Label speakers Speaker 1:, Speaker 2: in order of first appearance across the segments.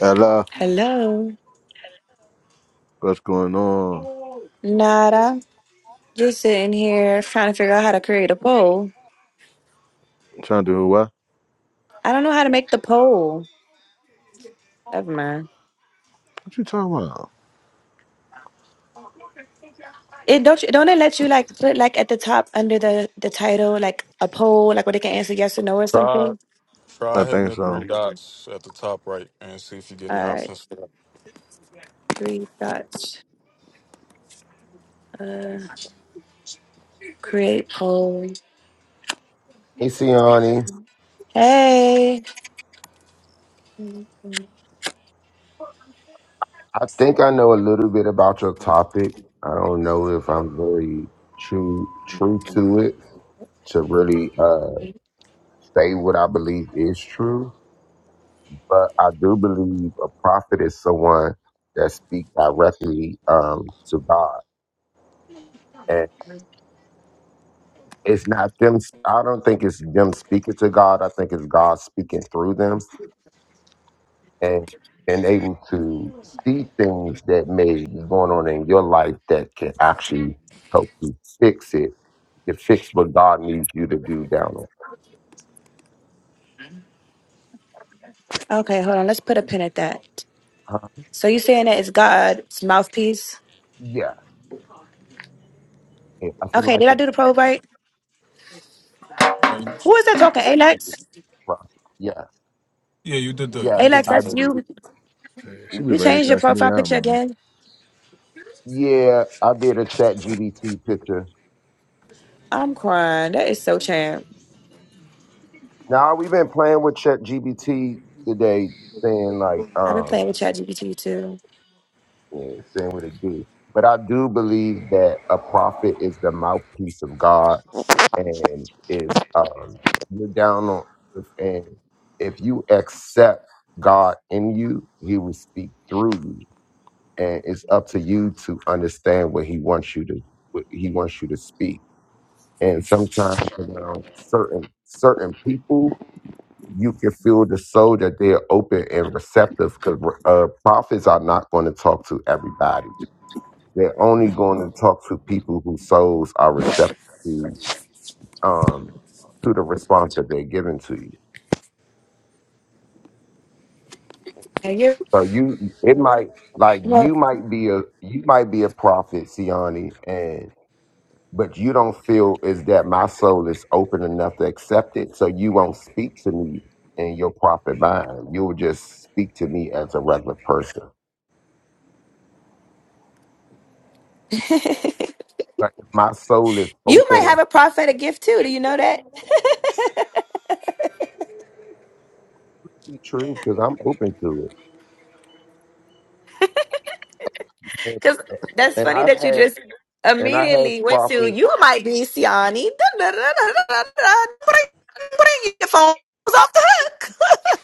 Speaker 1: Hello,
Speaker 2: Hello.
Speaker 1: what's going on?
Speaker 2: Nada. Just sitting here trying to figure out how to create a poll.
Speaker 1: trying to do what?
Speaker 2: I don't know how to make the poll. Never mind.
Speaker 1: What you talking about?
Speaker 2: It don't you- don't it let you like put like at the top under the the title like a poll like where they can answer yes or no or
Speaker 3: Try
Speaker 2: something.
Speaker 1: I
Speaker 3: try hitting
Speaker 1: think
Speaker 3: the three Yeah,
Speaker 1: so.
Speaker 3: dots at the top right and see if you get any
Speaker 2: All right,
Speaker 3: options for that.
Speaker 2: three dots. Uh, create poll.
Speaker 4: Hey, Siani,
Speaker 2: Hey.
Speaker 4: I think I know a little bit about your topic. I don't know if I'm very true true to it to really uh, say what I believe is true, but I do believe a prophet is someone that speaks directly um, to God, and it's not them. I don't think it's them speaking to God. I think it's God speaking through them and and able to see things that may be going on in your life that can actually help you fix it to fix what God needs you to do down there.
Speaker 2: Okay, hold on. Let's put a pin at that.
Speaker 4: Huh?
Speaker 2: So you saying that it's God's mouthpiece?
Speaker 4: Yeah, yeah, I feel
Speaker 2: Okay,
Speaker 4: like
Speaker 2: did I
Speaker 4: it's
Speaker 2: do the
Speaker 4: a
Speaker 2: poll right?
Speaker 3: Uh,
Speaker 2: Who is that talking? Alex.
Speaker 4: process. Yes,
Speaker 3: yeah, you did the
Speaker 4: yes,
Speaker 3: you did
Speaker 2: Alex,
Speaker 4: I
Speaker 2: that's
Speaker 3: the
Speaker 2: you.
Speaker 4: do.
Speaker 1: Shit, She be
Speaker 2: You
Speaker 1: ready to
Speaker 2: changed your
Speaker 1: cuss me
Speaker 2: profile
Speaker 1: out,
Speaker 2: picture
Speaker 1: man.
Speaker 2: again.
Speaker 4: Yeah, I did a Chat GBT picture.
Speaker 2: I'm crying. That is so champ.
Speaker 4: Now we've been playing with Chat GBT today, saying like,
Speaker 2: I've been playing
Speaker 4: um,
Speaker 2: with ChatGPT too.
Speaker 4: yeah, saying what it do. But I do believe that a prophet is the mouthpiece of God and it's um, you're down on earth, and if you accept God in you, He will speak through you, and it's up to you to understand what He wants you to what He wants you to speak. And sometimes around certain certain people, you can feel the soul that they're open and receptive because uh, prophets are not going to talk to everybody. They're only going to talk to people whose souls are receptive um to the response that they're giving to you.
Speaker 2: And you
Speaker 4: So you it might like
Speaker 2: well
Speaker 4: you might be a you might be a prophet, Siani, and but you don't feel is that my soul is open enough to accept it, so you won't speak to me in your prophet mind. You'll just speak to me as a regular person.
Speaker 2: you might
Speaker 4: But if my soul is
Speaker 2: have
Speaker 4: open,
Speaker 2: a prophetic gift too. Do you know that?
Speaker 4: it's true because I'm open to it. And,
Speaker 2: Cause that's
Speaker 4: and
Speaker 2: funny
Speaker 4: I've
Speaker 2: that you
Speaker 4: had
Speaker 2: just
Speaker 4: and I had
Speaker 2: immediately went to
Speaker 4: prophets.
Speaker 2: you might be Siani. Bring your phones off the hook.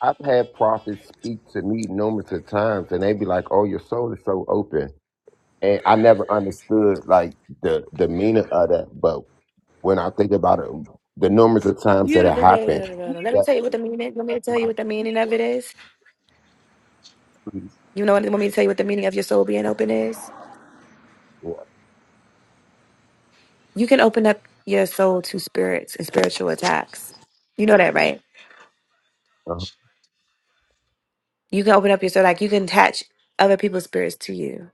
Speaker 4: I've had prophets speak to me numerous of times, and they be like, "Oh, your soul is so open," and I never understood like the the meaning of that. But when I think about it, the numerous of times
Speaker 2: You
Speaker 4: that
Speaker 2: da-
Speaker 4: it
Speaker 2: da- da- da-
Speaker 4: happened,
Speaker 2: da- da- da. let me
Speaker 4: that,
Speaker 2: tell you what the meaning. Want me to
Speaker 4: that's
Speaker 2: tell you
Speaker 4: my
Speaker 2: what the meaning of it is?
Speaker 4: priest.
Speaker 2: You know, want me to tell you what the meaning of your soul being open is?
Speaker 4: Yeah,
Speaker 2: You can open up your soul to spirits and spiritual attacks. You know that, right?
Speaker 4: uh-huh.
Speaker 2: You can open up your soul, like you can attach other people's spirits to you.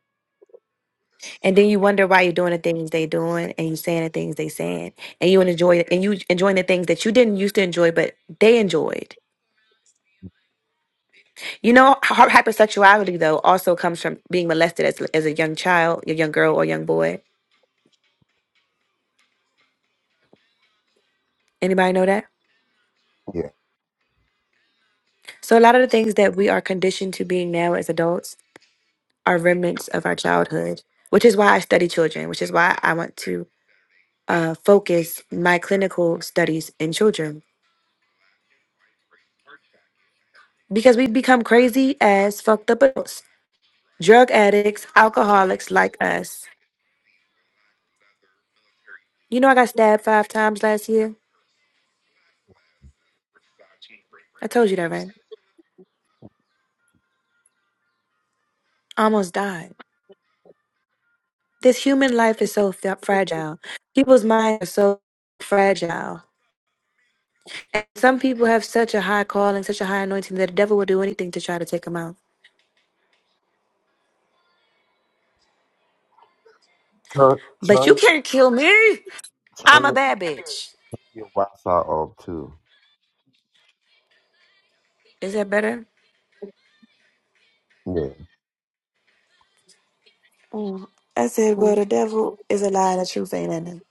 Speaker 2: And then you wonder why you're doing the things they doing and you saying the things they saying. And you enjoy and you enjoying the things that you didn't used to enjoy, but they enjoyed. You know, hy- hypersexuality though also comes from being molested as, as a young child, a young girl or young boy. Anybody know that?
Speaker 4: yeah.
Speaker 2: So a lot of the things that we are conditioned to being now as adults are remnants of our childhood, which is why I study children, which is why I want to uh, focus my clinical studies in children because we become crazy as fucked up adults, drug addicts, alcoholics like us. You know, I got stabbed five times last year. I told you that, right? I almost died. This human life is so f- fragile. People's minds are so fragile. And some people have such a high calling, such a high anointing that the devil will do anything to try to take them out.
Speaker 4: Turn
Speaker 2: But you
Speaker 4: turn
Speaker 2: can't kill me. I'm
Speaker 4: turn
Speaker 2: a
Speaker 4: your,
Speaker 2: bad bitch.
Speaker 4: your Wi-Fi off too.
Speaker 2: Is that better?
Speaker 4: Yeah,
Speaker 2: Mm. I said, well, the devil is a lie and the truth ain't in him.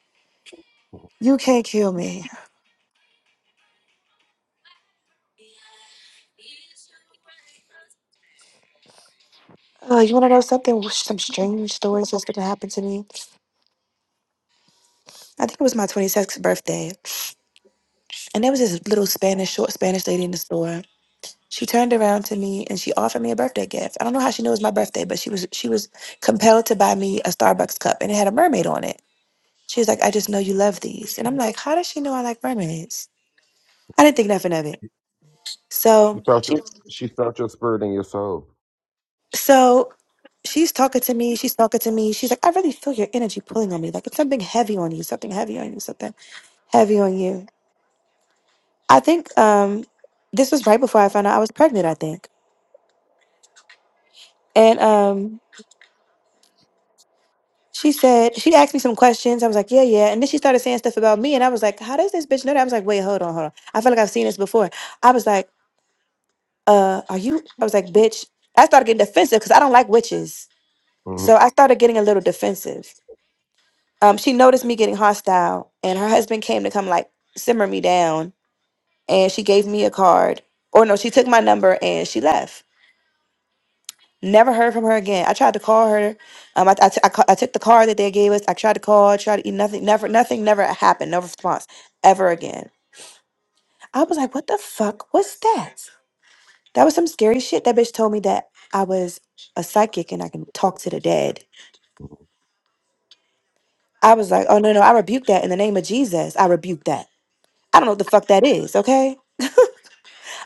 Speaker 2: You can't kill me. Oh, you want to know something? Some strange stories that's going to happen to me. I think it was my 26th birthday. And there was this little Spanish, short Spanish lady in the store. She turned around to me and she offered me a birthday gift. I don't know how she knew it was my birthday, but she was she was compelled to buy me a Starbucks cup and it had a mermaid on it. She was like, I just know you love these. And I'm like, how does she know I like mermaids? I didn't think nothing of it.
Speaker 4: she
Speaker 2: So
Speaker 4: felt your she felt your spirit in your soul.
Speaker 2: So she's talking to me. She's talking to me. She's like, I really feel your energy pulling on me. Like it's something heavy on you, something heavy on you, something heavy on you. I think um, this was right before I found out I was pregnant, I think. And um, she said, she asked me some questions. I was like, yeah, yeah. And then she started saying stuff about me. And I was like, how does this bitch know that? I was like, wait, hold on, hold on. I feel like I've seen this before. I was like, uh, are you? I was like, bitch. I started getting defensive because I don't like witches.
Speaker 4: Mm-hmm,
Speaker 2: So I started getting a little defensive. um, she noticed me getting hostile, and her husband came to come like simmer me down. And she gave me a card, or no, she took my number and she left. Never heard from her again. I tried to call her. Um, I, I, t- I, ca- I took the card that they gave us. I tried to call. I tried to eat nothing. Never, nothing. Never happened. No response ever again. I was like, what the fuck was that? That was some scary shit. That bitch told me that I was a psychic and I can talk to the dead. I was like, oh no, no, I rebuke that in the name of Jesus. I rebuke that. I don't know what the fuck that is. Okay.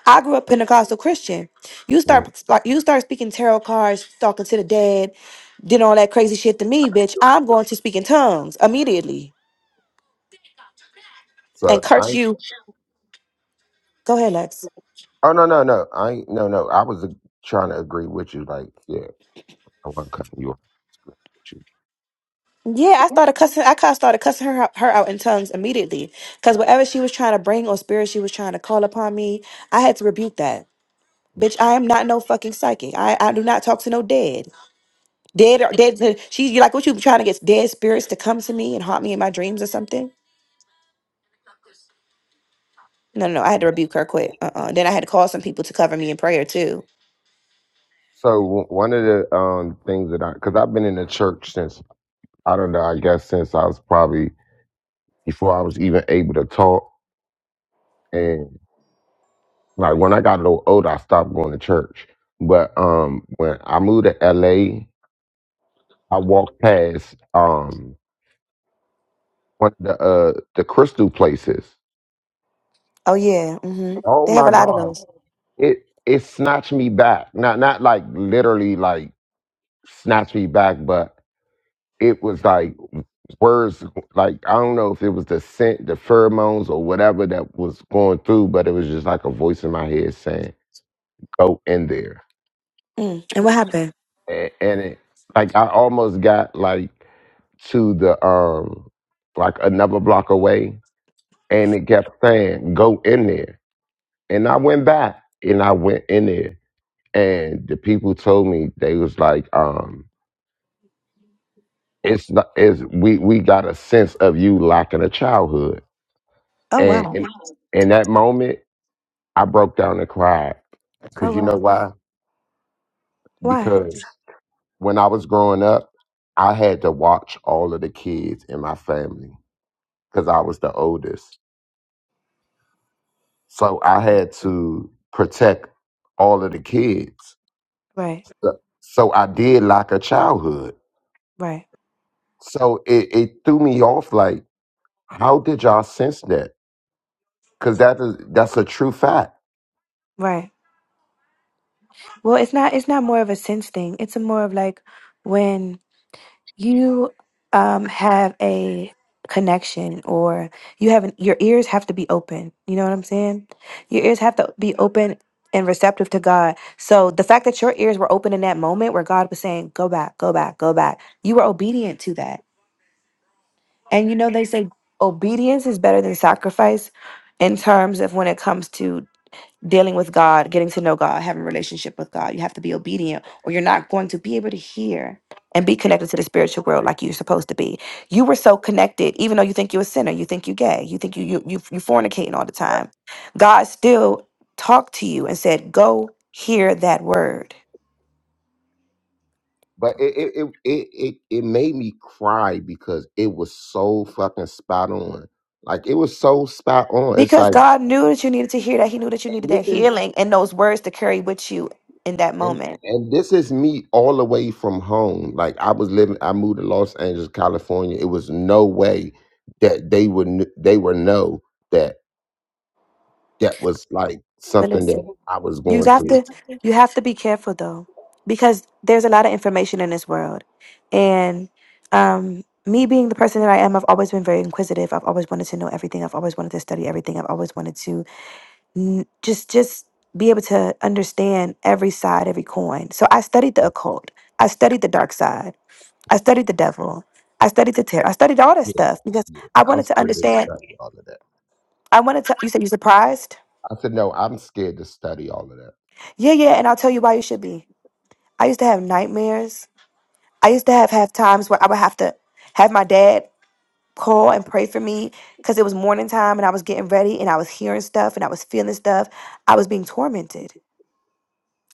Speaker 2: I grew up Pentecostal Christian. You
Speaker 4: mm-hmm.
Speaker 2: start like you start speaking tarot cards, talking to the dead, did all that crazy shit to me, bitch. I'm going to speak in tongues immediately and
Speaker 4: So
Speaker 2: curse
Speaker 4: I
Speaker 2: you. Go ahead, Lex.
Speaker 4: oh no no no I ain't- no no I was uh, trying to agree with you like yeah I wasn't cutting you off. Agree With you.
Speaker 2: Yeah, I started cussing. I kind of started cussing her out, her out in tongues immediately because whatever she was trying to bring or spirit she was trying to call upon me, I had to rebuke that. Bitch, I am not no fucking psychic. I, I do not talk to no dead. Dead, or dead. She you like what you trying to get dead spirits to come to me and haunt me in my dreams or something? No, no, no. I had to rebuke her quick. Uh, uh Then I had to call some people to cover me in prayer too.
Speaker 4: So w- one of the um things that I because I've been in the church since I don't know I guess since I was probably before I was even able to talk and like when I got a little older I stopped going to church but um when I moved to L.A. I walked past um one of the uh the crystal places.
Speaker 2: Oh yeah. hmm They
Speaker 4: Oh
Speaker 2: have a
Speaker 4: my
Speaker 2: lot of
Speaker 4: God!
Speaker 2: those.
Speaker 4: it it snatched me back. Not not like literally like snatched me back, but it was like words like I don't know if it was the scent, the pheromones or whatever that was going through, but it was just like a voice in my head saying, Go in there.
Speaker 2: Mm. And what happened?
Speaker 4: And, and it like I almost got like to the um like another block away and it kept saying, Go in there. And I went back and I went in there and the people told me they was like, um, it's not is we we got a sense of you lacking a childhood
Speaker 2: Oh
Speaker 4: and
Speaker 2: wow.
Speaker 4: in, in that moment i broke down and cried
Speaker 2: Oh
Speaker 4: because you know
Speaker 2: wow.
Speaker 4: why
Speaker 2: Why?
Speaker 4: because when i was growing up i had to watch all of the kids in my family because i was the oldest so i had to protect all of the kids
Speaker 2: Right.
Speaker 4: so so i did lack a childhood
Speaker 2: Right.
Speaker 4: so it, it threw me off like how did y'all sense that because that is that's a true fact
Speaker 2: Right. Well, it's not. It's not more of a sense thing. It's a more of like when you um have a connection or you have an, your ears have to be open you know what i'm saying your ears have to be open and receptive to god so the fact that your ears were open in that moment where god was saying go back go back go back you were obedient to that and you know they say obedience is better than sacrifice in terms of when it comes to dealing with God, getting to know God, having a relationship with God. You have to be obedient or you're not going to be able to hear and be connected to the spiritual world like you're supposed to be. You were so connected, even though you think you're a sinner, you think you're gay, you think you you you you fornicating all the time. God still talked to you and said, Go hear that word.
Speaker 4: But it it, it it it it made me cry because it was so fucking spot on. Like it was so spot on. It's
Speaker 2: Because
Speaker 4: like
Speaker 2: God knew that you needed to hear that. He knew that you needed
Speaker 4: and
Speaker 2: that
Speaker 4: this is
Speaker 2: healing and those words to carry with you in that
Speaker 4: and
Speaker 2: moment.
Speaker 4: and this is me all the way from home. Like I was living, I moved to Los Angeles, California. It was no way that they would kn- they would know that that was like
Speaker 2: But
Speaker 4: something that
Speaker 2: listen.
Speaker 4: I was
Speaker 2: You
Speaker 4: going
Speaker 2: have
Speaker 4: through.
Speaker 2: to you have to be careful though, because there's a lot of information in this world, and um, me being the person that I am, I've always been very inquisitive. I've always wanted to know everything. I've always wanted to study everything. I've always wanted to n- just just be able to understand every side, every coin. So I studied the
Speaker 4: Yeah,
Speaker 2: occult. I studied the dark side. I studied the devil. I studied the tarot. I studied all that stuff because
Speaker 4: yeah.
Speaker 2: I
Speaker 4: I'm
Speaker 2: wanted to
Speaker 4: scared as
Speaker 2: understand.
Speaker 4: fuck of all of that.
Speaker 2: I wanted to. You said you surprised?
Speaker 4: I said, no, I'm scared to study all of that.
Speaker 2: Yeah, yeah. And I'll tell you why you should be. I used to have nightmares I used to have have times where I would have to have my dad call and pray for me because it was morning time and I was getting ready and I was hearing stuff and I was feeling stuff. I was being tormented.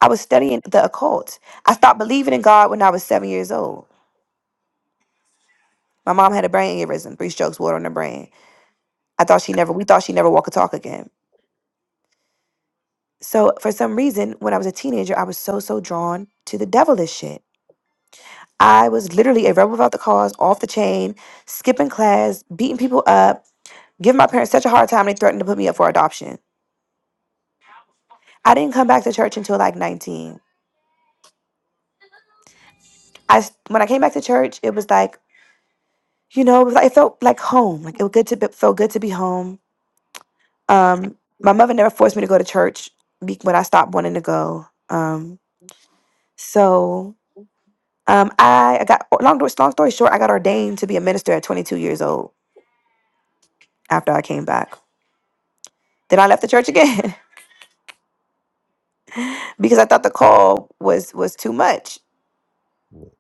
Speaker 2: I was studying the occult. I stopped believing in God when I was seven years old. My mom had a brain aneurysm, three strokes, water on her brain. I thought she never. We thought she never walk or talk again. So for some reason, when I was a teenager, I was so so drawn to the devilish shit. I was literally a rebel without the cause, off the chain, skipping class, beating people up Give my parents such a hard time, they threatened to put me up for adoption. I didn't come back to church until like 19. I when I came back to church, it was like, you know, it, was like, it felt like home. Like it was good to be, felt good to be home. Um, my mother never forced me to go to church be- when I stopped wanting to go. Um, so um, I, I got long story, long story short, I got ordained to be a minister at 22 years old after I came back. Then I left the church again because I thought the call was was too much.
Speaker 4: Yeah.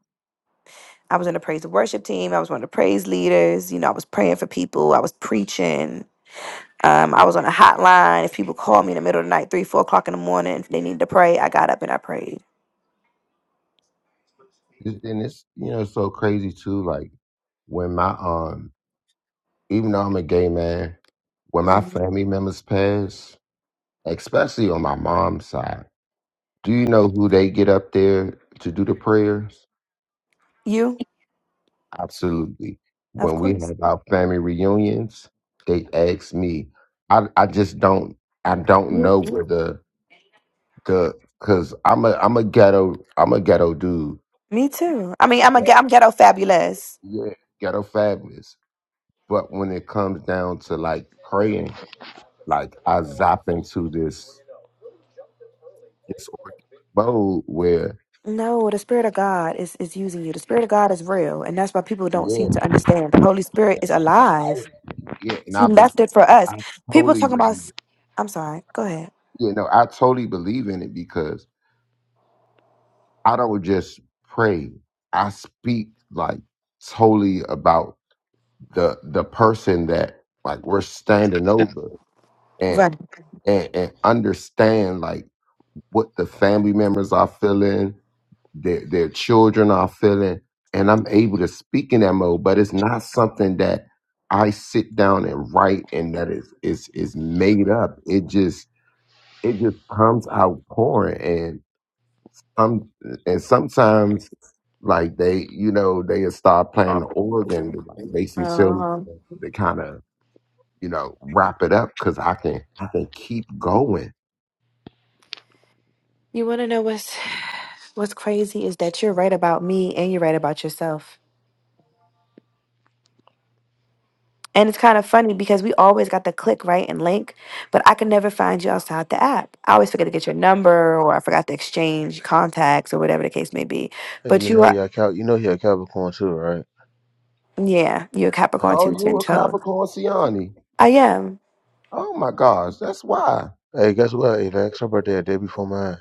Speaker 2: I was in the praise and worship team. I was one of the praise leaders. You know, I was praying for people. I was preaching. Um, I was on a hotline. If people called me in the middle of the night, three, four o'clock in the morning, if they needed to pray, I got up and I prayed.
Speaker 4: It's- and it's you know so crazy too. Like when my um, even though I'm a gay man, when my
Speaker 2: Mhm.
Speaker 4: family members pass, especially on my mom's side, do you know who they get up there to do the prayers?
Speaker 2: You,
Speaker 4: Absolutely.
Speaker 2: of
Speaker 4: When we
Speaker 2: course.
Speaker 4: have our family reunions, they ask me. I I just don't I don't
Speaker 2: You,
Speaker 4: know where the the because I'm a I'm a ghetto I'm a ghetto dude.
Speaker 2: me too. I mean, I'm a, ge- I'm ghetto fabulous.
Speaker 4: Yeah, ghetto fabulous. But when it comes down to like praying. Like I zapped into this this organic mode where
Speaker 2: No, the spirit of God is is using you. The spirit of God is real, and that's why people don't
Speaker 4: yeah,
Speaker 2: seem to understand. The Holy Spirit is
Speaker 4: I,
Speaker 2: alive.
Speaker 4: yeah, and
Speaker 2: He
Speaker 4: I've been
Speaker 2: left it for us.
Speaker 4: I
Speaker 2: People
Speaker 4: totally
Speaker 2: talking about.
Speaker 4: believe.
Speaker 2: s- I'm sorry. Go ahead.
Speaker 4: You know, I totally believe in it because I don't just pray. I speak like totally about the the person that like we're standing over and
Speaker 2: Run.
Speaker 4: and, and understand like what the family members are feeling, their their children are feeling and I'm able to speak in that mode, but it's not something that I sit down and write and that is is is made up. It just it just comes out pouring and um, and sometimes like they you know they'll start playing the organ to, like basically so
Speaker 2: Uh-huh.
Speaker 4: to kind of you know wrap it up because I can I can keep going.
Speaker 2: You want to know what's what's crazy is that you're right about me and you're right about yourself. And it's kind of funny because we always got the click right and link, but I can never find you outside the app. I always forget to get your number or I forgot to exchange contacts or whatever the case may be.
Speaker 1: Hey,
Speaker 2: But
Speaker 1: you
Speaker 2: you
Speaker 1: know
Speaker 2: are,
Speaker 1: you're a Cal- you know you're a Capricorn too, right?
Speaker 2: yeah, you're a Capricorn
Speaker 1: Huh.
Speaker 4: Oh,
Speaker 2: too,
Speaker 4: you
Speaker 2: Gen
Speaker 4: a
Speaker 2: Code.
Speaker 4: Capricorn Siani?
Speaker 2: I am.
Speaker 4: Oh my gosh, that's why.
Speaker 1: Hey, guess what, Avax? Her birthday a day before mine.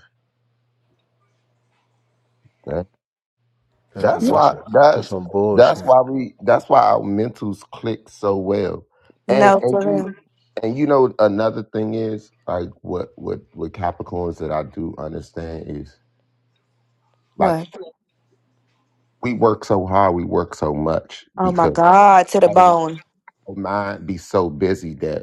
Speaker 1: That's a,
Speaker 4: That's
Speaker 2: You-
Speaker 1: that's
Speaker 4: why
Speaker 1: a, that's
Speaker 4: that's
Speaker 1: some
Speaker 4: that's
Speaker 1: bullshit.
Speaker 4: why we that's why our mentals click so well. And
Speaker 2: No,
Speaker 4: and
Speaker 2: for
Speaker 4: you
Speaker 2: real.
Speaker 4: and you know another thing is like what what with Capricorns that I do understand is like
Speaker 2: What?
Speaker 4: we work so hard, we work so much
Speaker 2: Oh my
Speaker 4: because
Speaker 2: God, to the
Speaker 4: our
Speaker 2: bone.
Speaker 4: our mind be so busy that.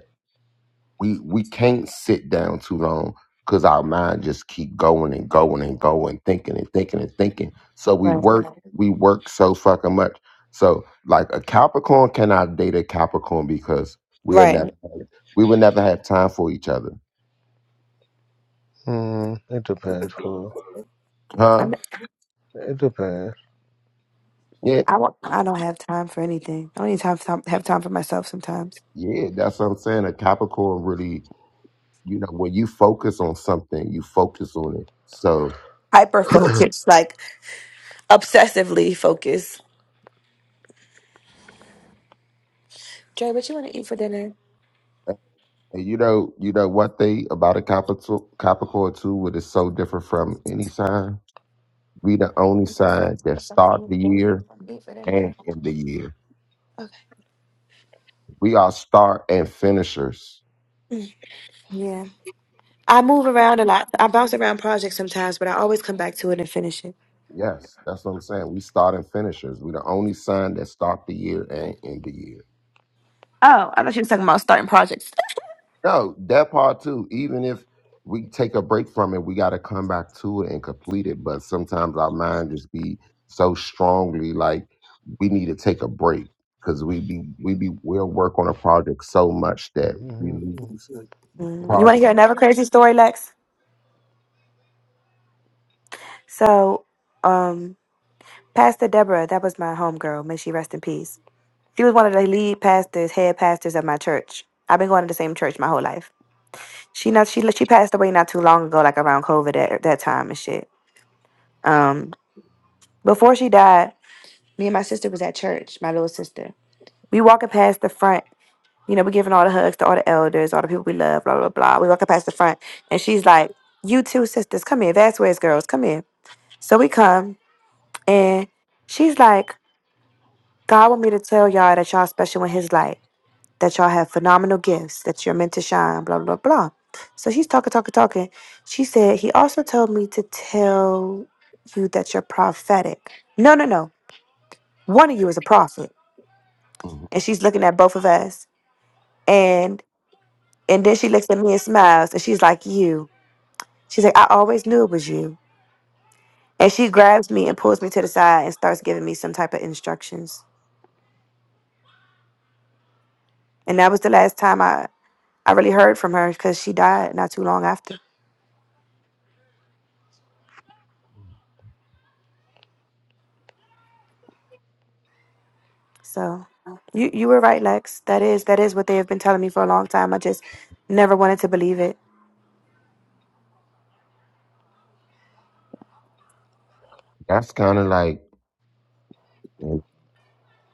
Speaker 4: we we can't sit down too long because our mind just keep going and going and going thinking and thinking and thinking so we
Speaker 2: Right,
Speaker 4: work we work so fucking much so like a capricorn cannot date a capricorn because we'll never
Speaker 2: right.
Speaker 4: we will never have time for each other
Speaker 1: Hmm, it depends, fool.
Speaker 4: huh
Speaker 2: I'm,
Speaker 1: It depends.
Speaker 4: yeah
Speaker 2: I, won't- I don't have time for anything. I don't even time, time, have time for myself sometimes
Speaker 4: yeah that's what i'm saying a capricorn really you know when you focus on something you focus on it so
Speaker 2: hyper focused. Like obsessively focused. Dre, what you want to eat for dinner?
Speaker 4: and you know you know what they about a capricorn capricorn too what is so different from any sign We the only
Speaker 2: I'm just looking
Speaker 4: side
Speaker 2: for
Speaker 4: that start
Speaker 2: something
Speaker 4: the
Speaker 2: to
Speaker 4: year
Speaker 2: Eat for dinner.
Speaker 4: and end the year.
Speaker 2: Okay.
Speaker 4: We are start and finishers.
Speaker 2: Mm, Yeah. I move around a lot. I bounce around projects sometimes, but I always come back to it and finish it.
Speaker 4: Yes, that's what I'm saying. We start and finishers. We the only sign that start the year and end the year.
Speaker 2: Oh, I thought you were talking about starting projects.
Speaker 4: No, that part too. Even if we take a break from it, we got to come back to it and complete it. But sometimes our mind just be so strongly like we need to take a break because we be we be we'll work on a project so much that we
Speaker 1: Mm-hmm.
Speaker 4: lose
Speaker 1: Uh,
Speaker 4: the
Speaker 2: Mm, You want to
Speaker 4: project.
Speaker 2: hear another crazy story, Lex? So, um, Pastor Deborah, that was my homegirl. May she rest in peace. She was one of the lead pastors, head pastors of my church. I've been going to the same church my whole life. She not she she passed away not too long ago, like around COVID at that time and shit. Um, Before she died, me and my sister was at church, my little sister. We walking past the front. You know, we giving all the hugs to all the elders, all the people we love, blah, blah, blah. We walking past the front. And she's like, You two sisters, come here. Vasquez girls, come here. So we come and she's like, God want me to tell y'all that y'all special in his light, that y'all have phenomenal gifts, that you're meant to shine, blah, blah, blah. So she's talking, talking, talking. She said, He also told me to tell you that you're prophetic. No, no, no. One of you is a prophet.
Speaker 4: Mhm.
Speaker 2: and she's looking at both of us and and then she looks at me and smiles and she's like you she's like i always knew it was you and she grabs me and pulls me to the side and starts giving me some type of instructions and that was the last time i i really heard from her because she died not too long after so you you were right lex that is that is what they have been telling me for a long time i just never wanted to believe it
Speaker 4: That's kind of like in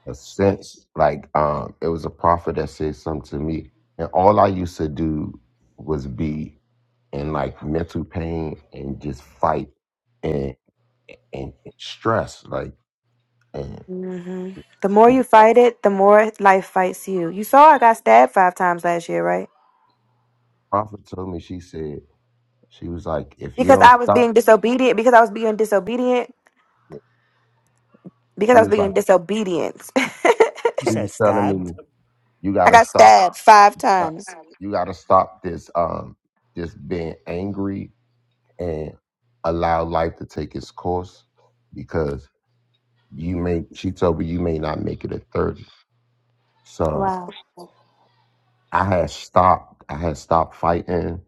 Speaker 4: a sense, like um, it was a prophet that said something to me, and all I used to do was be in like mental pain and just fight and and stress. Like, and,
Speaker 2: hmm the more
Speaker 4: and the
Speaker 2: you fight it the more life fights you you saw i got stabbed five times last year right
Speaker 4: prophet told me, she said she was like, if you
Speaker 2: because
Speaker 4: don't
Speaker 2: I was
Speaker 4: stop,
Speaker 2: being disobedient, because I was being disobedient, because
Speaker 4: she
Speaker 2: I was
Speaker 4: was like,
Speaker 2: being disobedient.
Speaker 5: You
Speaker 4: she
Speaker 5: said
Speaker 4: was telling
Speaker 5: stabbed,
Speaker 4: me, you
Speaker 2: I
Speaker 4: gotta
Speaker 2: got
Speaker 4: stop,
Speaker 2: stabbed five
Speaker 4: uh,
Speaker 2: times.
Speaker 4: you gotta stop this um this being angry and allow life to take its course you may she told me you may not make it at 30 so
Speaker 2: Wow.
Speaker 4: i had stopped i had stopped fighting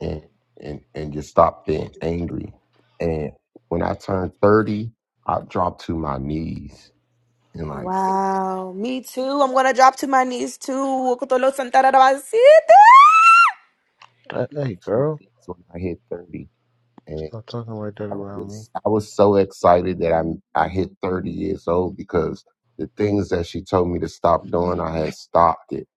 Speaker 4: and and and just stopped being angry and when i turned 30 i dropped to my knees and like
Speaker 2: Wow. Me too. I'm going to drop to my knees too. Oh,
Speaker 1: Hey,
Speaker 4: to my
Speaker 1: girl,
Speaker 4: knees when i hit 30 and
Speaker 1: stop talking like that
Speaker 4: i was
Speaker 1: around me.
Speaker 4: just i was so excited that i i hit 30 years old because the things that she told me to stop doing i had stopped it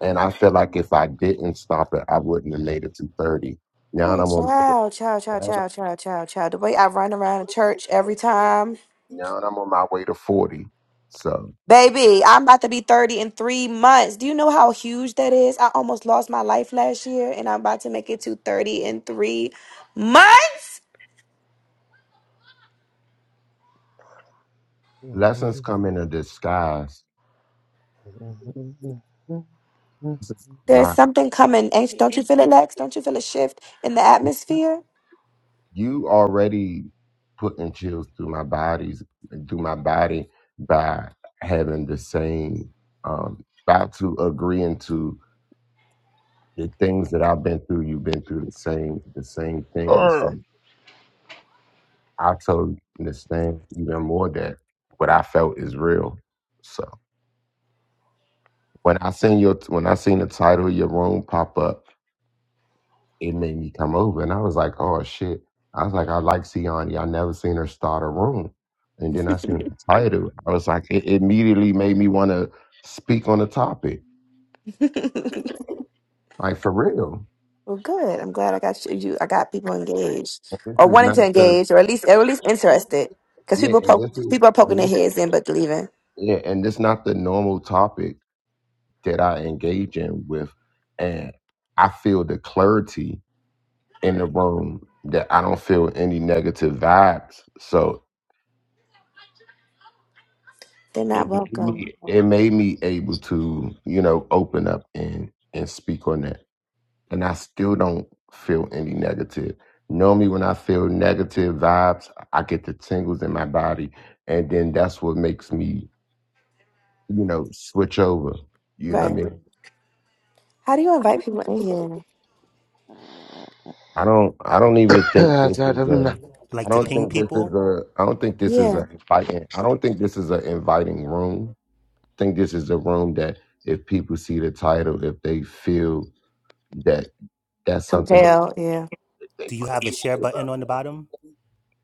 Speaker 4: and i feel like if i didn't stop it i wouldn't have made it to 30 now that I'm on.
Speaker 2: child, child, child,
Speaker 4: Now
Speaker 2: child, child, child, child. The way I run around the church every time.
Speaker 4: now I'm on my way to 40. So
Speaker 2: Baby, I'm about to be 30 in three months. Do you know how huge that is? I almost lost my life last year, and I'm about to make it to 30 in three months.
Speaker 4: lessons come in a disguise.
Speaker 2: There's
Speaker 4: Not
Speaker 2: something coming. Ain't don't you feel it, Lex? Don't you feel a shift in the atmosphere?
Speaker 4: you already putting chills through my bodies through my body by having the same um by to agreeing to the things that I've been through, you've been through the same the same things. So I totally understand even more that what I felt is real. So when I seen your when I seen the title of your room pop up it made me come over. And I was like, oh shit. I was like, I like Siani. I never seen her start a room. And then I seen the title. I was like, it immediately made me want to speak on the topic. Like for real.
Speaker 2: Well, good. I'm glad I got you. you- I got people engaged
Speaker 4: This
Speaker 2: or
Speaker 4: is
Speaker 2: wanting
Speaker 4: not
Speaker 2: to
Speaker 4: the
Speaker 2: engage, or at least or at least interested, because
Speaker 4: yeah,
Speaker 2: people
Speaker 4: and
Speaker 2: poke
Speaker 4: this is
Speaker 2: people are poking
Speaker 4: and
Speaker 2: their
Speaker 4: this
Speaker 2: heads in but leaving.
Speaker 4: yeah, and it's not the normal topic that I engage in with. And I feel the clarity in the room that I don't feel any negative vibes. So
Speaker 2: They're not
Speaker 4: it made
Speaker 2: welcome,
Speaker 4: me it made me able to you know open up and and speak on that and i still don't feel any negative normally when i feel negative vibes i get the tingles in my body and then that's what makes me you know switch over you know what i
Speaker 2: right?
Speaker 4: mean
Speaker 2: How do you invite people in here?
Speaker 4: i don't i don't even think this is a i
Speaker 5: like to
Speaker 4: don't
Speaker 5: ping
Speaker 4: think this is
Speaker 5: people.
Speaker 4: a i don't think this is
Speaker 2: Yeah,
Speaker 4: a inviting i don't think this is an inviting room i think this is a room that if people see the title if they feel that That's something that
Speaker 2: compel. Yeah,
Speaker 4: they
Speaker 5: Do
Speaker 4: put.
Speaker 5: you have a share button on the bottom?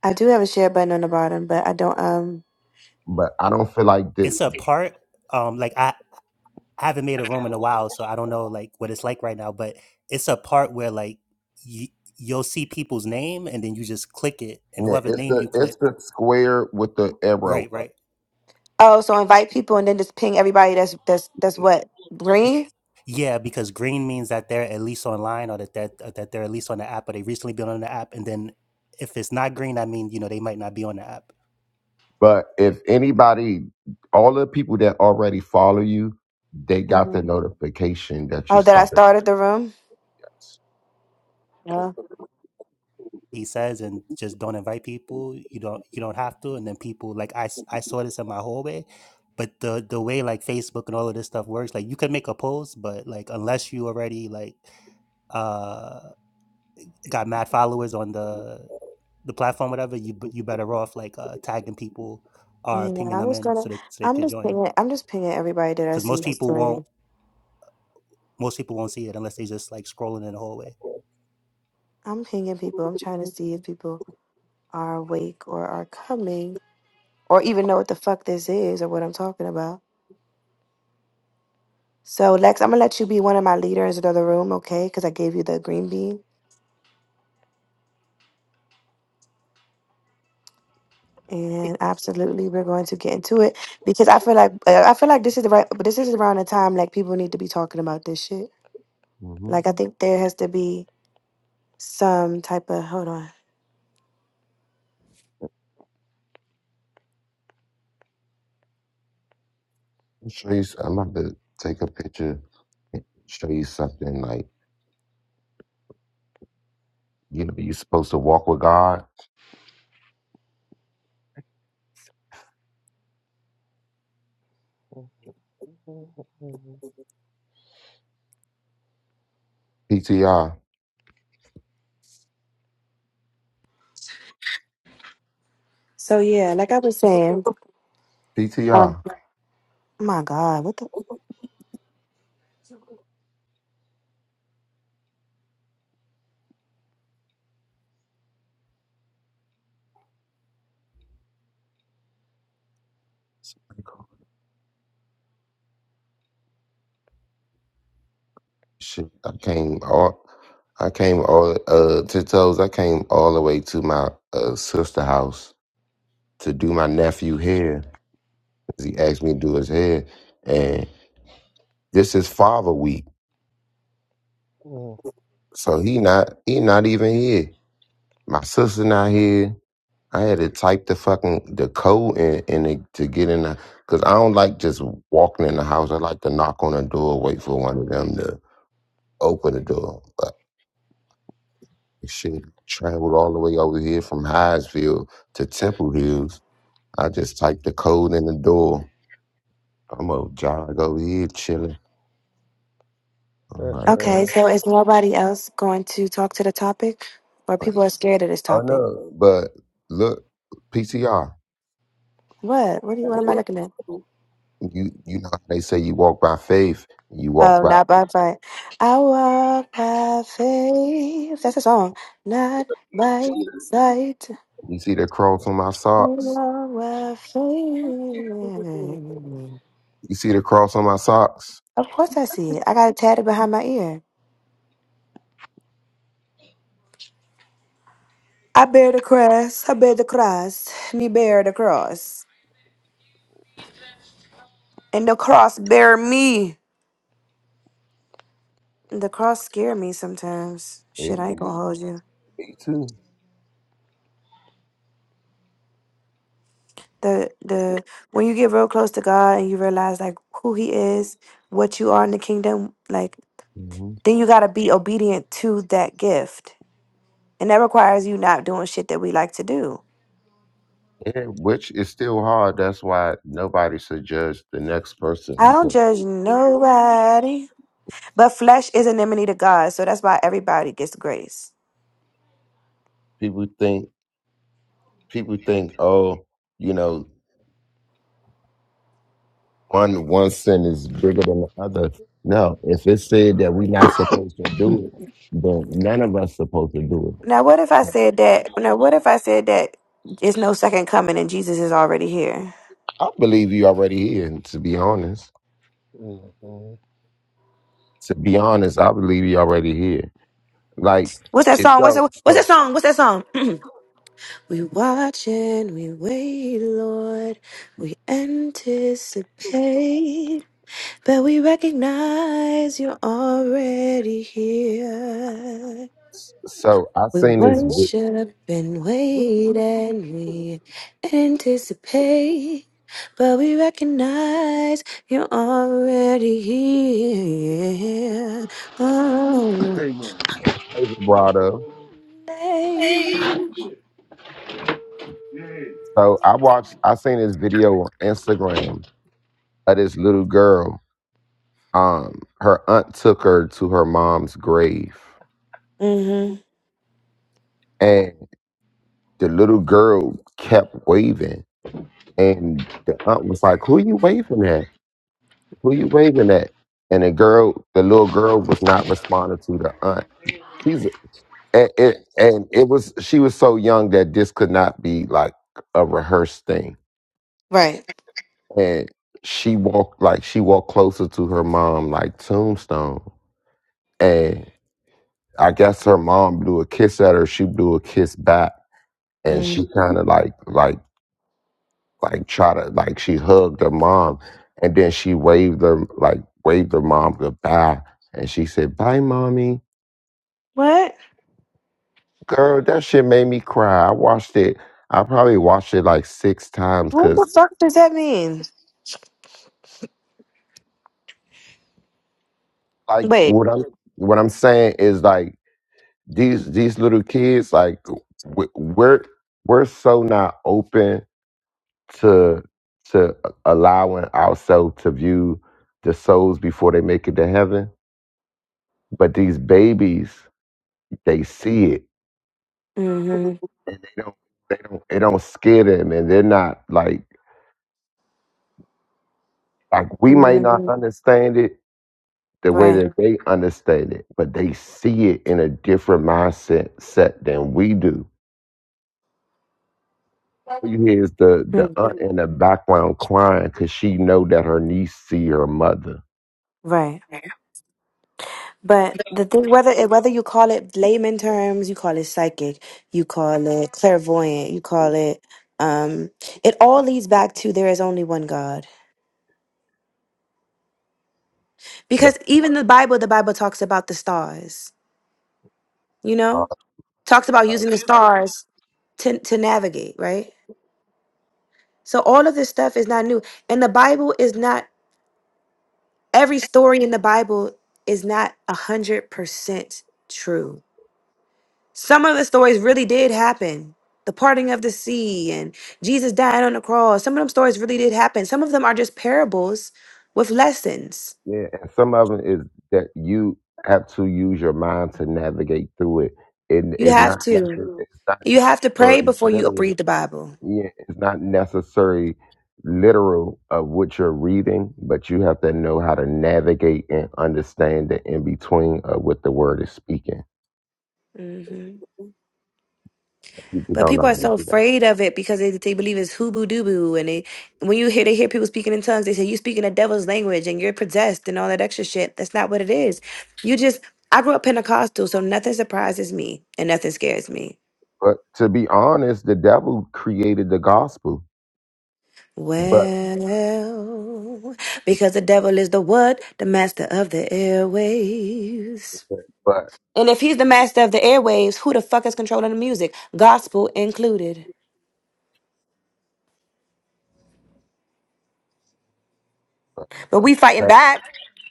Speaker 2: I do have a share button on the bottom, but I don't. Um,
Speaker 4: But I don't feel like the
Speaker 5: It's a part. Um, like I, I haven't made a room in a while, so I don't know like what it's like right now. But it's a part where like you, you'll see people's name, and then you just click it, and
Speaker 4: yeah,
Speaker 5: whoever
Speaker 4: it's
Speaker 5: name
Speaker 4: the
Speaker 5: you click,
Speaker 4: it's the square with the arrow.
Speaker 5: right, right,
Speaker 2: Oh, so invite people and then just ping everybody. That's that's that's what
Speaker 5: Y-
Speaker 2: green.
Speaker 5: yeah, because green means that they're at least online, or that that uh, that they're at least on the app, or they recently been on the app, and then if it's not green, I mean you know they might not be on the app.
Speaker 4: But if anybody, all the people that already follow you, they got the
Speaker 2: hmm
Speaker 4: notification that you
Speaker 2: Oh, that I
Speaker 4: started.
Speaker 2: started the room.
Speaker 4: this.
Speaker 2: Yeah,
Speaker 5: he says and just don't invite people you don't you don't have to and then people like i s- I saw this in my hallway but the the way like facebook and all of this stuff works like you can make a post but like unless you already like uh got mad followers on the the platform whatever you b- you better off like uh tagging people or
Speaker 2: yeah.
Speaker 5: pinging
Speaker 2: I'm
Speaker 5: them
Speaker 2: just
Speaker 5: in
Speaker 2: gonna.
Speaker 5: so they so they
Speaker 2: I'm
Speaker 5: could
Speaker 2: just
Speaker 5: join
Speaker 2: pinging. I'm just pinging everybody that I
Speaker 5: because
Speaker 2: see
Speaker 5: most
Speaker 2: that's
Speaker 5: people won't
Speaker 2: joining.
Speaker 5: most people won't see it unless they just like scrolling in the hallway
Speaker 2: I'm pinging people. I'm trying to see if people are awake or are coming or even know what the fuck this is or what I'm talking about. So Lex, I'm gonna let you be one of my leaders of the room, okay? Because I gave you the green bean. And absolutely, we're going to get into it because I feel like uh, I feel like this is the right, but this is around the time like people need to be talking about this shit.
Speaker 4: Mm-hmm.
Speaker 2: Like I think there has to be some type of hold on.
Speaker 4: I'll Show you. s- I'm about to take a picture and show you something like you know you're supposed to walk with God. PTR,
Speaker 2: So yeah, like I was saying, uh,
Speaker 4: PTR.
Speaker 2: my God, what the?
Speaker 4: Shit, I came all, I came all, uh, tiptoes. I came all the way to my uh, sister house to do my nephew hair. 'cause He asked me to do his hair, and this is Father Week,
Speaker 1: Ugh.
Speaker 4: so he not, he not even here. My sister not here. I had to type the fucking the code in, in it to get in the, cause I don't like just walking in the house. I like to knock on the door, wait for one of them to open the door. Shit, traveled all the way over here from Highsville to Temple Hills. I just typed the code in the door. I'm gonna jog over here chilling. I'm
Speaker 1: That's
Speaker 4: like,
Speaker 2: Okay,
Speaker 1: right.
Speaker 2: so is nobody else going to talk to the topic, or
Speaker 4: like,
Speaker 2: people are scared of this
Speaker 4: oh
Speaker 2: topic?
Speaker 4: no, but look, PTR.
Speaker 2: What? What do you? What am I looking at?
Speaker 4: You you know how they say you walk by faith. You walk
Speaker 2: Oh,
Speaker 4: by.
Speaker 2: not by fight. I walk by faith. That's a song. Not by sight.
Speaker 4: You see the cross on my
Speaker 2: Of
Speaker 4: socks. You see the cross on my socks.
Speaker 2: course I see it. I got it tatted behind my ear. I bear the cross. I bear the cross. Me bear the cross. And the cross bear me. The cross scare me sometimes.
Speaker 4: It,
Speaker 2: Shit, I ain't gonna hold you.
Speaker 4: me too.
Speaker 2: The the when you get real close to God and you realize like who He is, what you are in the kingdom, like
Speaker 4: hmm
Speaker 2: then you gotta be obedient to that gift, and that requires you not doing shit that we like to do.
Speaker 4: Yeah, which is still hard. That's why nobody should judge the next person
Speaker 2: I don't
Speaker 4: because
Speaker 2: judge nobody. But flesh is an enemy to God, so that's why everybody gets grace.
Speaker 4: people think. people think, oh, you know, one one sin is bigger than the other. No, if it said that we're not supposed to do it, then none of us supposed to do
Speaker 2: Now, what if I
Speaker 4: it.
Speaker 2: said that? Now, what if I said that there's no second coming and Jesus is already here?
Speaker 4: I believe you already here. To be honest,
Speaker 1: hmm
Speaker 4: to be honest, I believe you already here. Like
Speaker 2: What's that
Speaker 4: it's
Speaker 2: song? What's that?
Speaker 4: so.
Speaker 2: What's that
Speaker 4: So,
Speaker 2: song? What's that song? we watch and we wait, Lord. We anticipate, but we recognize you're already here.
Speaker 4: so I
Speaker 2: We
Speaker 4: seen this video
Speaker 2: worship and wait and we anticipate, but we recognize you're already here. Oh,
Speaker 1: Amen.
Speaker 4: brought up.
Speaker 1: Shit.
Speaker 4: So I watched. I seen this video on Instagram of this little girl. Um, her aunt took her to her mom's grave
Speaker 2: mm-hmm.
Speaker 4: And the little girl kept waving. And the aunt was like, Who you waving at? Who you waving at? And the girl, the little girl was not responding to the aunt. She's and it, and it was she was so young that this could not be like a rehearsed thing.
Speaker 2: right.
Speaker 4: And she walked like she walked closer to her mom like tombstone. And I guess her mom blew a kiss at her. She blew a kiss back and
Speaker 2: hmm
Speaker 4: she kind of like like like try to like she hugged her mom and then she waved her like waved her mom goodbye and she said bye mommy
Speaker 2: What?
Speaker 4: girl that shit made me cry i watched it i probably watched it like six times
Speaker 2: What the
Speaker 4: because
Speaker 2: fuck does that mean?
Speaker 4: like
Speaker 2: Wait.
Speaker 4: what i'm what i'm saying is like these these little kids like w- we're we're so not open to to allowing ourselves to view the souls before they make it to heaven but these babies they see it
Speaker 2: Mm-hmm.
Speaker 4: and they don't they don't it don't scare them and they're not like like we might not
Speaker 2: hmm
Speaker 4: understand it the way
Speaker 2: Right.
Speaker 4: that they understand it, but they see it in a different mindset set than we do. All You hear is the the
Speaker 2: Hmm.
Speaker 4: aunt in the background crying because she know that her niece see her mother.
Speaker 2: Right. But the thing, whether it, whether you call it layman terms, you call it psychic, you call it clairvoyant, you call it, um, it all leads back to there is only one God. Because
Speaker 4: But
Speaker 2: even the Bible, the Bible talks about the stars. You
Speaker 4: so,
Speaker 2: know, talks about using
Speaker 4: like,
Speaker 2: the stars to to navigate, right? So all of this stuff is not new, and the Bible is not every story in the Bible is not a hundred percent true Some of the stories really did happen. The parting of the sea and Jesus dying on the cross. Some of them stories really did happen. Some of them are just parables with lessons.
Speaker 4: yeah, and some of them is that you have to use your mind to navigate through it. And
Speaker 2: You
Speaker 4: it's
Speaker 2: have
Speaker 4: not
Speaker 2: to
Speaker 4: nothing. It's not
Speaker 2: you have to pray
Speaker 4: very
Speaker 2: before you
Speaker 4: literal.
Speaker 2: read the Bible.
Speaker 4: yeah, it's not necessarily literal of what you're reading, but you have to know how to navigate and understand the in between of what the word is speaking.
Speaker 2: hmm
Speaker 4: People
Speaker 2: But
Speaker 4: don't
Speaker 2: people
Speaker 4: know
Speaker 2: are
Speaker 4: how to
Speaker 2: so
Speaker 4: do that.
Speaker 2: afraid of it because they, they believe it's hooboo dooboo, and they when you hear they hear people speaking in tongues, they say you speaking a devil's language and you're possessed and all that extra shit. That's not what it is. You just I grew up Pentecostal, so nothing surprises me and nothing scares me.
Speaker 4: But to be honest, the devil created the gospel, but
Speaker 2: Well, because the devil is the what? The master of the airwaves.
Speaker 4: but
Speaker 2: And if he's the master of the airwaves, who the fuck is controlling the music? Gospel included. But we fighting
Speaker 4: has
Speaker 2: back.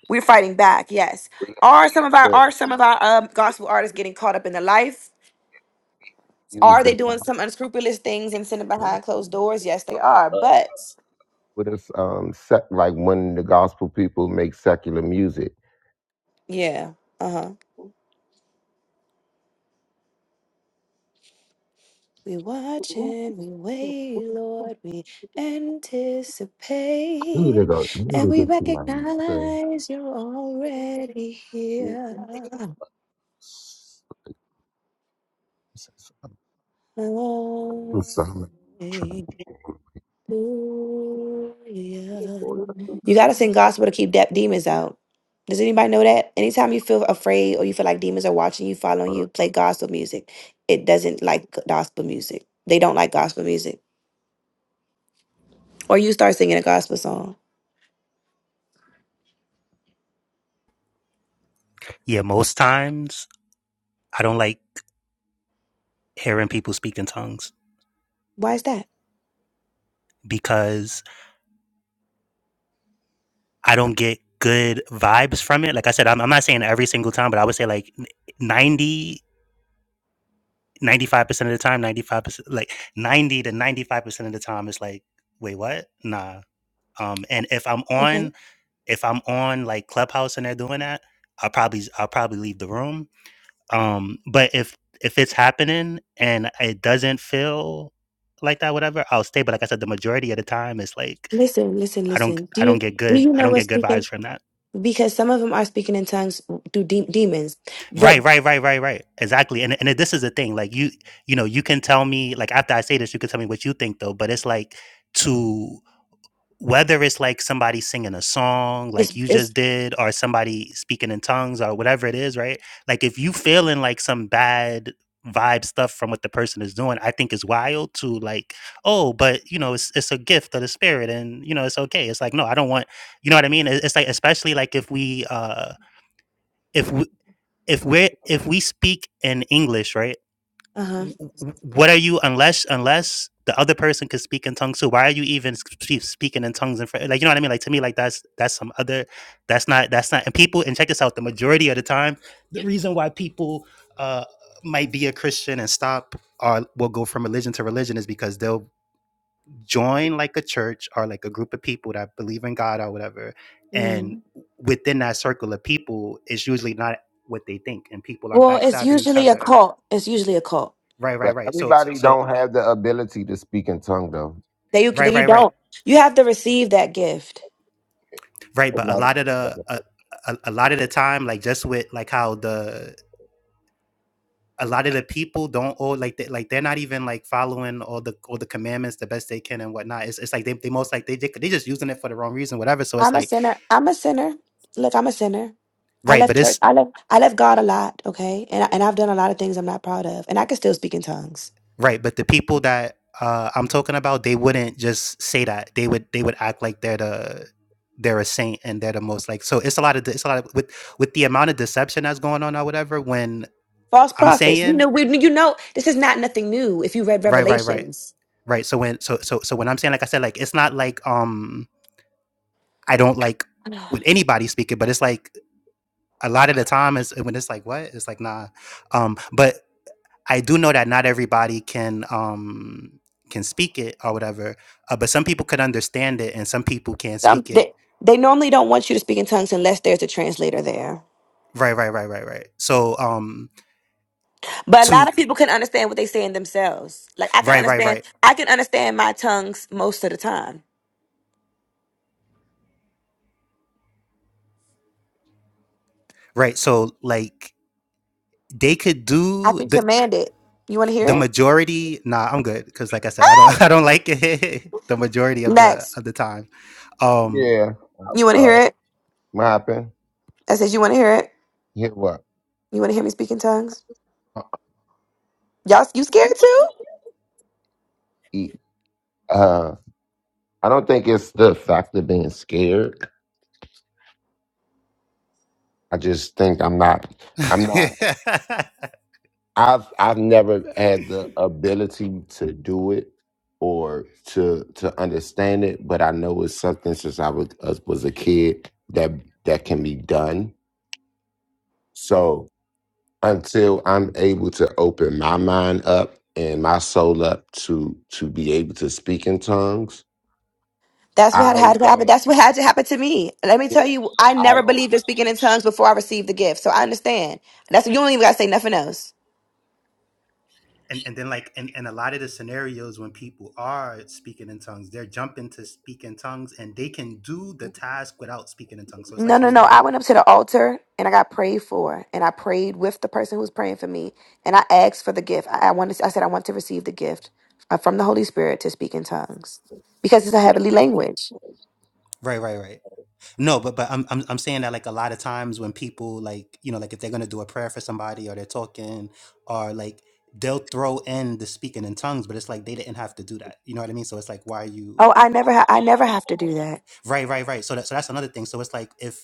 Speaker 2: We're fighting back. Yes. Are some of our
Speaker 4: to
Speaker 2: are some of our um, gospel artists getting caught up in the life? Are
Speaker 4: use
Speaker 2: they
Speaker 4: the
Speaker 2: doing
Speaker 4: gospel.
Speaker 2: some unscrupulous things and sitting behind closed doors? Yes, they are.
Speaker 4: Uh,
Speaker 2: But
Speaker 4: With us, um, sec- like when the gospel people make secular music.
Speaker 2: yeah. Uh huh. We watch and we wait, Lord. We
Speaker 4: I need to
Speaker 2: anticipate
Speaker 4: go. I need
Speaker 2: and
Speaker 4: to
Speaker 2: we
Speaker 4: get to my. the-
Speaker 2: recognize you're already here. Hallelujah.
Speaker 4: I'm sorry. I'm trying.
Speaker 2: You got to sing gospel to keep de- demons out. Does anybody know that? Anytime you feel afraid or you feel like demons are watching you, following you, play gospel music. It doesn't like gospel music. They don't like gospel music. Or you start singing a gospel song.
Speaker 5: yeah most times i don't like hearing people speak in tongues
Speaker 2: Why is that?
Speaker 5: because. I don't get good vibes from it. Like I said, I'm, I'm not saying every single time, but I would say like ninety, ninety five percent of the time, 95%, like 90 to 95% of the time, it's like, wait, what? Nah. Um, and if I'm on, if I'm on like Clubhouse and they're doing that, I'll probably, I'll probably leave the room. Um, but if, if it's happening and it doesn't feel like that, whatever, I'll stay. But like I said, the majority of the time, it's like,
Speaker 2: Listen, listen,
Speaker 5: I don't,
Speaker 2: listen. Do
Speaker 5: I don't
Speaker 2: you
Speaker 5: get
Speaker 2: do
Speaker 5: good,
Speaker 2: you
Speaker 5: I
Speaker 2: know
Speaker 5: don't
Speaker 2: what's
Speaker 5: get good
Speaker 2: speaking?
Speaker 5: vibes from that.
Speaker 2: Because some of them are speaking in tongues through de- demons,
Speaker 5: Right,
Speaker 2: but
Speaker 5: right, right, right, right. Exactly. And and this is the thing. Like you, you know, you can tell me like after I say this, you can tell me what you think though. But it's like to whether it's like somebody singing a song
Speaker 2: it's
Speaker 5: like you just
Speaker 2: it's
Speaker 5: did, or somebody speaking in tongues or whatever it is, right? Like if you feeling like some bad vibe stuff from what the person is doing, I think is wild to like, oh, but you know, it's it's a gift of the spirit and you know, it's okay. It's like, no, I don't want you know what I mean? It- It's like especially like if we uh if we if we if we speak in English, right?
Speaker 2: uh huh.
Speaker 5: w- What are you unless unless the other person could speak in tongues? So why are you even sp- speaking in tongues in front? Like you know what I mean? Like to me, like that's that's some other. That's not that's not. And people and check this out. The majority of the time, the reason why people uh might be a Christian and stop or will go from religion to religion is because they'll join like a church or like a group of people that believe in God or whatever. And within that circle of people, it's usually not what they think, and people are
Speaker 2: Well, it's
Speaker 5: backstabbing each
Speaker 2: usually a
Speaker 5: other.
Speaker 2: cult. It's usually a cult
Speaker 5: Right, right,
Speaker 4: But
Speaker 5: right. So, so,
Speaker 4: everybody
Speaker 5: so
Speaker 4: don't have the ability to speak in tongue though.
Speaker 2: that you
Speaker 5: right,
Speaker 2: that you
Speaker 5: right, right,
Speaker 2: don't. You have to receive that gift.
Speaker 5: right. But a
Speaker 4: Like,
Speaker 5: lot of the a, a, a lot of the time, like just with like how the a lot of the people don't all like they, like they're not even like following all the all the commandments the best they can and whatnot. It's, it's like they, they most like they they they just using it for the wrong reason, whatever. So it's
Speaker 2: I'm a
Speaker 5: like
Speaker 2: sinner. I'm a sinner. Look, I'm a sinner. I
Speaker 5: right, but
Speaker 2: left church.
Speaker 5: it's
Speaker 2: I left. I left God a lot. Okay, and I, and I've done a lot of things I'm not proud of, and I can still speak in tongues.
Speaker 5: Right, but the people that uh, I'm talking about, they wouldn't just say that. They would they would act like they're the they're a saint and they're the most like. So it's a lot of de- it's a lot of with with the amount of deception that's going on or whatever. When
Speaker 2: False
Speaker 5: I'm
Speaker 2: prophets. You
Speaker 5: saying
Speaker 2: know, we, you know, this is not nothing new. If you read
Speaker 5: right, right, right,
Speaker 2: Revelations.
Speaker 5: right. So when so so so when I'm saying like I said, like it's not like um I don't like when anybody speak it, but it's like a lot of the time is when it's like what it's like nah um but I do know that not everybody can um can speak it or whatever, uh, but some people could understand it and some people can't
Speaker 2: Some
Speaker 5: speak it.
Speaker 2: they, they normally don't want you to speak in tongues unless there's a translator there.
Speaker 5: Right, right, right, right, right. So um
Speaker 2: But a
Speaker 5: to
Speaker 2: lot of people can understand what they say in themselves. Like I can
Speaker 5: right, right,
Speaker 2: understand
Speaker 5: right,
Speaker 2: I can understand my tongues most of the time.
Speaker 5: right. So like they could
Speaker 2: I
Speaker 5: do
Speaker 2: can
Speaker 5: the
Speaker 2: command it. You wanna hear
Speaker 5: the
Speaker 2: it?
Speaker 5: majority. Nah, I'm good because like I said, I don't I don't like it the majority of the
Speaker 2: Next.
Speaker 5: of the time. Um
Speaker 4: yeah,
Speaker 2: You
Speaker 4: I'm
Speaker 2: wanna
Speaker 4: sorry.
Speaker 2: hear it?
Speaker 4: What happened?
Speaker 2: I says you wanna hear it?
Speaker 4: Hit what?
Speaker 2: You wanna hear me speak in tongues? Y'all you scared too?
Speaker 4: E- Uh, I don't think it's the fact of being scared. I just think I'm not. I'm not. I've I've never had the ability to do it or to to understand it, but I know it's something since I was, uh, was a kid that that can be done. So until I'm able to open my mind up and my soul up to to be able to speak in tongues.
Speaker 2: That's what had,
Speaker 4: I
Speaker 2: had to happen.
Speaker 4: don't.
Speaker 2: That's what had to happen to me. Let me tell you, I
Speaker 4: I
Speaker 2: never believed
Speaker 4: don't.
Speaker 2: in speaking in tongues before I received the gift. So I understand. That's you don't even gotta say nothing else.
Speaker 5: and and then like and, and a lot of the scenarios when people are speaking in tongues they're jumping to speak in tongues and they can do the task without speaking in tongues so it's
Speaker 2: No,
Speaker 5: like what
Speaker 2: no,
Speaker 5: are
Speaker 2: no.
Speaker 5: you
Speaker 2: I went up to the altar and I got prayed for, and I prayed with the person who was praying for me, and I asked for the gift. I, I wanted. I said I want to receive the gift uh, from the Holy Spirit to speak in tongues because it's a heavenly language.
Speaker 5: right right right no but but I'm, I'm i'm saying that like a lot of times when people like you know like if they're gonna do a prayer for somebody or they're talking or like they'll throw in the speaking in tongues but it's like they didn't have to do that you know what i mean so it's like why are
Speaker 2: Oh,
Speaker 5: you
Speaker 2: I never. Ha- I never have to do that.
Speaker 5: right right right so that so that's another thing so it's like if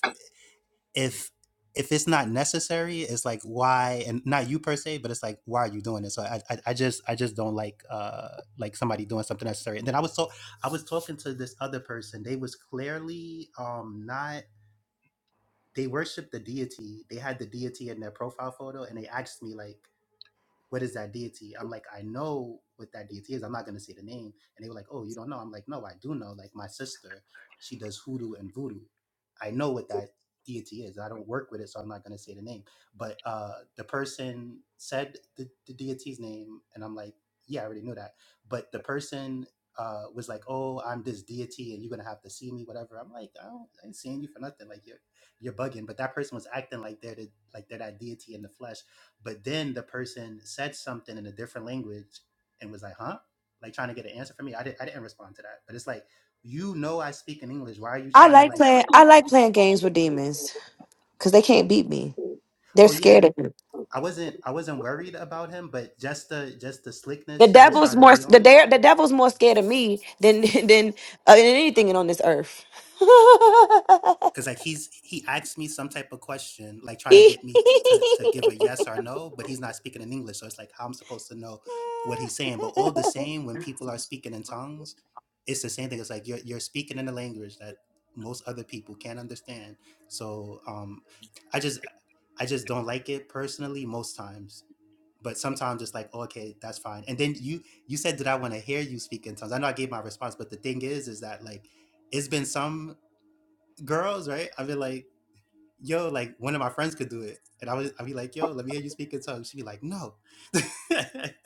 Speaker 5: if if it's not necessary, it's like why and not you per se, but it's like why are you doing this? So I I, I just I just don't like uh like somebody doing something necessary. And then I was so I was talking to this other person. They was clearly um not they worshiped the deity. They had the deity in their profile photo, and they asked me like what is that deity? I'm like, I know what that deity is. I'm not going to say the name. And they were like, oh, you don't know? I'm like, no, I do know. Like, my sister, she does hoodoo and voodoo. I know what that deity is. I don't work with it, so I'm not going to say the name. But uh, the person said the, the deity's name, and I'm like, yeah, I already knew that. But the person uh, was like, oh, I'm this deity, and you're going to have to see me, whatever. I'm like, I, don't, I ain't seeing you for nothing. Like, you're, you're bugging. But that person was acting like they're, the, like they're that deity in the flesh but then the person said something in a different language and was like, huh? Like trying to get an answer from me. I didn't I didn't respond to that. But it's like, you know I speak in English. Why are you
Speaker 2: I
Speaker 5: trying to
Speaker 2: like
Speaker 5: like,
Speaker 2: playing. I like playing games with demons because they can't beat me. They're
Speaker 5: oh yeah,
Speaker 2: scared of me.
Speaker 5: I wasn't I wasn't worried about him, but just the just the
Speaker 2: The
Speaker 5: slickness he was
Speaker 2: devil's
Speaker 5: trying to
Speaker 2: more
Speaker 5: be
Speaker 2: the
Speaker 5: on
Speaker 2: dare the devil's more scared of me than than uh, than anything on this earth.
Speaker 5: because like he's he asked me some type of question like trying to get me to to give a yes or no but he's not speaking in english so it's like how i'm supposed to know what he's saying but all the same when people are speaking in tongues it's the same thing it's like you're, you're speaking in a language that most other people can't understand so um i just i just don't like it personally most times but sometimes it's like okay that's fine and then you you said that i want to hear you speak in tongues i know i gave my response but the thing is is that like it's been some girls, right? I've been like, yo, like one of my friends could do it. And I was I'd be like, yo, let me hear you speak in tongues. She'd be like, no.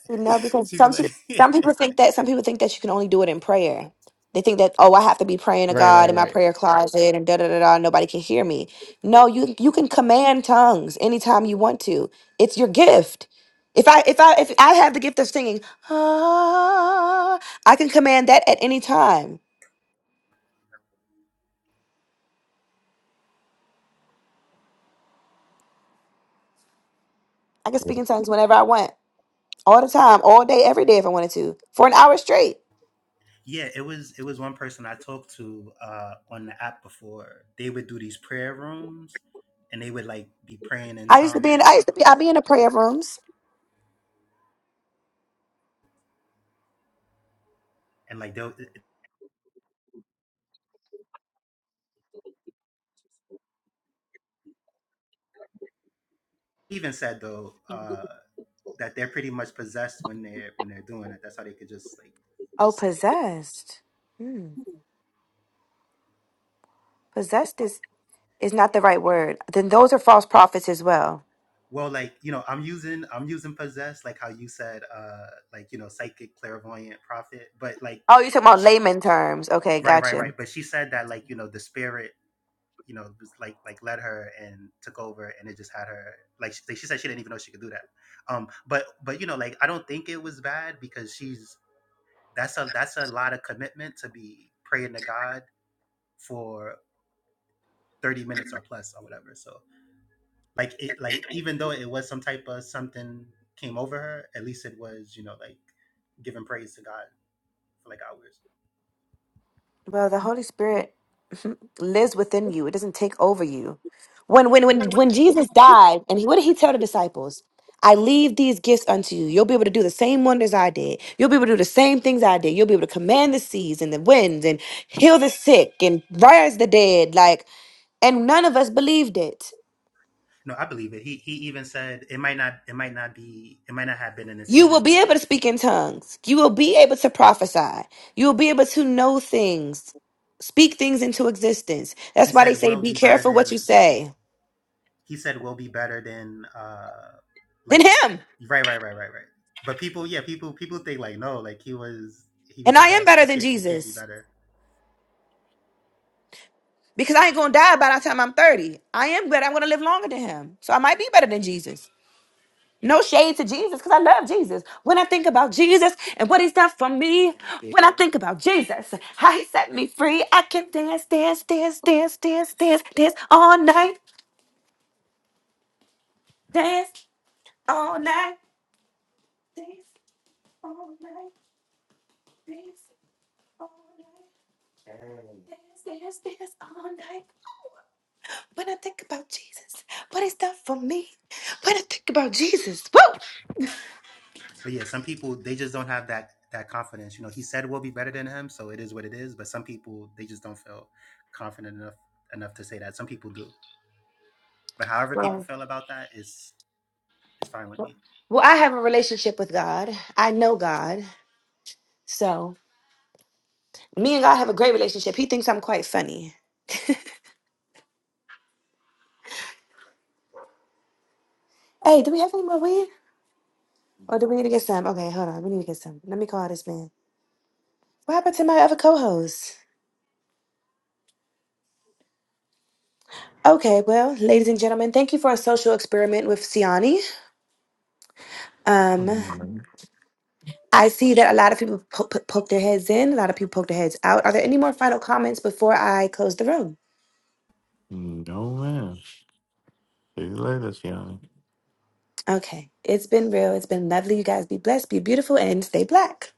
Speaker 2: No, because
Speaker 5: She'd be
Speaker 2: some
Speaker 5: like
Speaker 2: people, some people think that some people think that you can only do it in prayer. They think that oh, I have to be praying to God in my prayer closet and da da da da. Nobody can hear me. No, you you can command tongues anytime you want to. It's your gift. If I if I if I have the gift of singing, ah, I can command that at any time. I can speak in tongues whenever I want, all the time, all day, every day if I wanted to, for an hour straight.
Speaker 5: Yeah, it was it was one person I talked to uh on the app before. They would do these prayer rooms and they would like be praying in
Speaker 2: I used to be in
Speaker 5: tongues.
Speaker 2: I used to be I would be in the prayer rooms.
Speaker 5: And like they even said though, uh that they're pretty much possessed when they're when they're doing it. That's how they could just like
Speaker 2: Oh, possessed. Hmm. Possessed is is not the right word. Then those are false prophets as well.
Speaker 5: well like you know i'm using i'm using possessed like how you said uh like you know psychic clairvoyant prophet but like
Speaker 2: Oh, you're talking about layman terms. Okay,
Speaker 5: Right, right,
Speaker 2: gotcha.
Speaker 5: right. But she said that like, you know, the spirit, you know, was like like led her and took over and it just had her like she, like, she said she didn't even know she could do that. Um but but you know, like I don't think it was bad because she's that's a that's a lot of commitment to be praying to God for 30 minutes or plus or whatever. So like it like even though it was some type of something came over her, at least it was, you know, like giving praise to God for like hours.
Speaker 2: Well, the Holy Spirit lives within you. It doesn't take over you. When when when when Jesus died, and he, what did he tell the disciples? I leave these gifts unto you. You'll be able to do the same wonders I did. You'll be able to do the same things I did. You'll be able to command the seas and the winds and heal the sick and rise the dead. Like, and none of us believed it.
Speaker 5: No, I believe it. He he even said it might not it might not be it might not have been in the
Speaker 2: You will be
Speaker 5: same.
Speaker 2: able to speak in tongues. You will be able to prophesy. You will be able to know things, speak things into existence.
Speaker 5: He
Speaker 2: That's why they
Speaker 5: said
Speaker 2: say,
Speaker 5: will
Speaker 2: be
Speaker 5: be better
Speaker 2: careful what you
Speaker 5: than
Speaker 2: say.
Speaker 5: he said will be better than uh
Speaker 2: Than
Speaker 5: like
Speaker 2: him.
Speaker 5: right right right right right. But people yeah people people think like no like he was he was
Speaker 2: And
Speaker 5: the
Speaker 2: I am
Speaker 5: best.
Speaker 2: better
Speaker 5: You
Speaker 2: than
Speaker 5: can't you can't be
Speaker 2: Jesus
Speaker 5: better.
Speaker 2: because I ain't going to die by the time I'm 30. I am better. I'm going to live longer than him. So I might be better than Jesus. No shade to Jesus because I love Jesus. When I think about Jesus and what he's done for me, when I think about Jesus, how he set me free, I can dance, dance, dance, dance, dance, dance, dance all night. Dance, all night. Dance all night. Dance all night. Dance, dance, dance all night. When I think about Jesus, what is done for me? When I think about Jesus, woo!
Speaker 5: But yeah, some people they just don't have that that confidence. You know, he said will be better than him, so it is what it is. But some people they just don't feel confident enough enough to say that. Some people do. But however people
Speaker 2: Well,
Speaker 5: feel about that is is fine with me.
Speaker 2: well, I have a relationship with God. I know God. So me and God have a great relationship. He thinks I'm quite funny. Hey, do we have any more weed? Or do we need to get some? Okay, hold on. We need to get some. Let me call this man. What happened to my other co-host? Okay, well, ladies and gentlemen, thank you for a social experiment with Siani. Um,
Speaker 6: Mm-hmm.
Speaker 2: I see that a lot of people po- po- poke their heads in, a lot of people poke their heads out. Are there any more final comments before I close the room?
Speaker 6: Mm, No, man. See you later, Johnny.
Speaker 2: Okay, it's been real. It's been lovely. You guys be blessed, be beautiful, and stay black.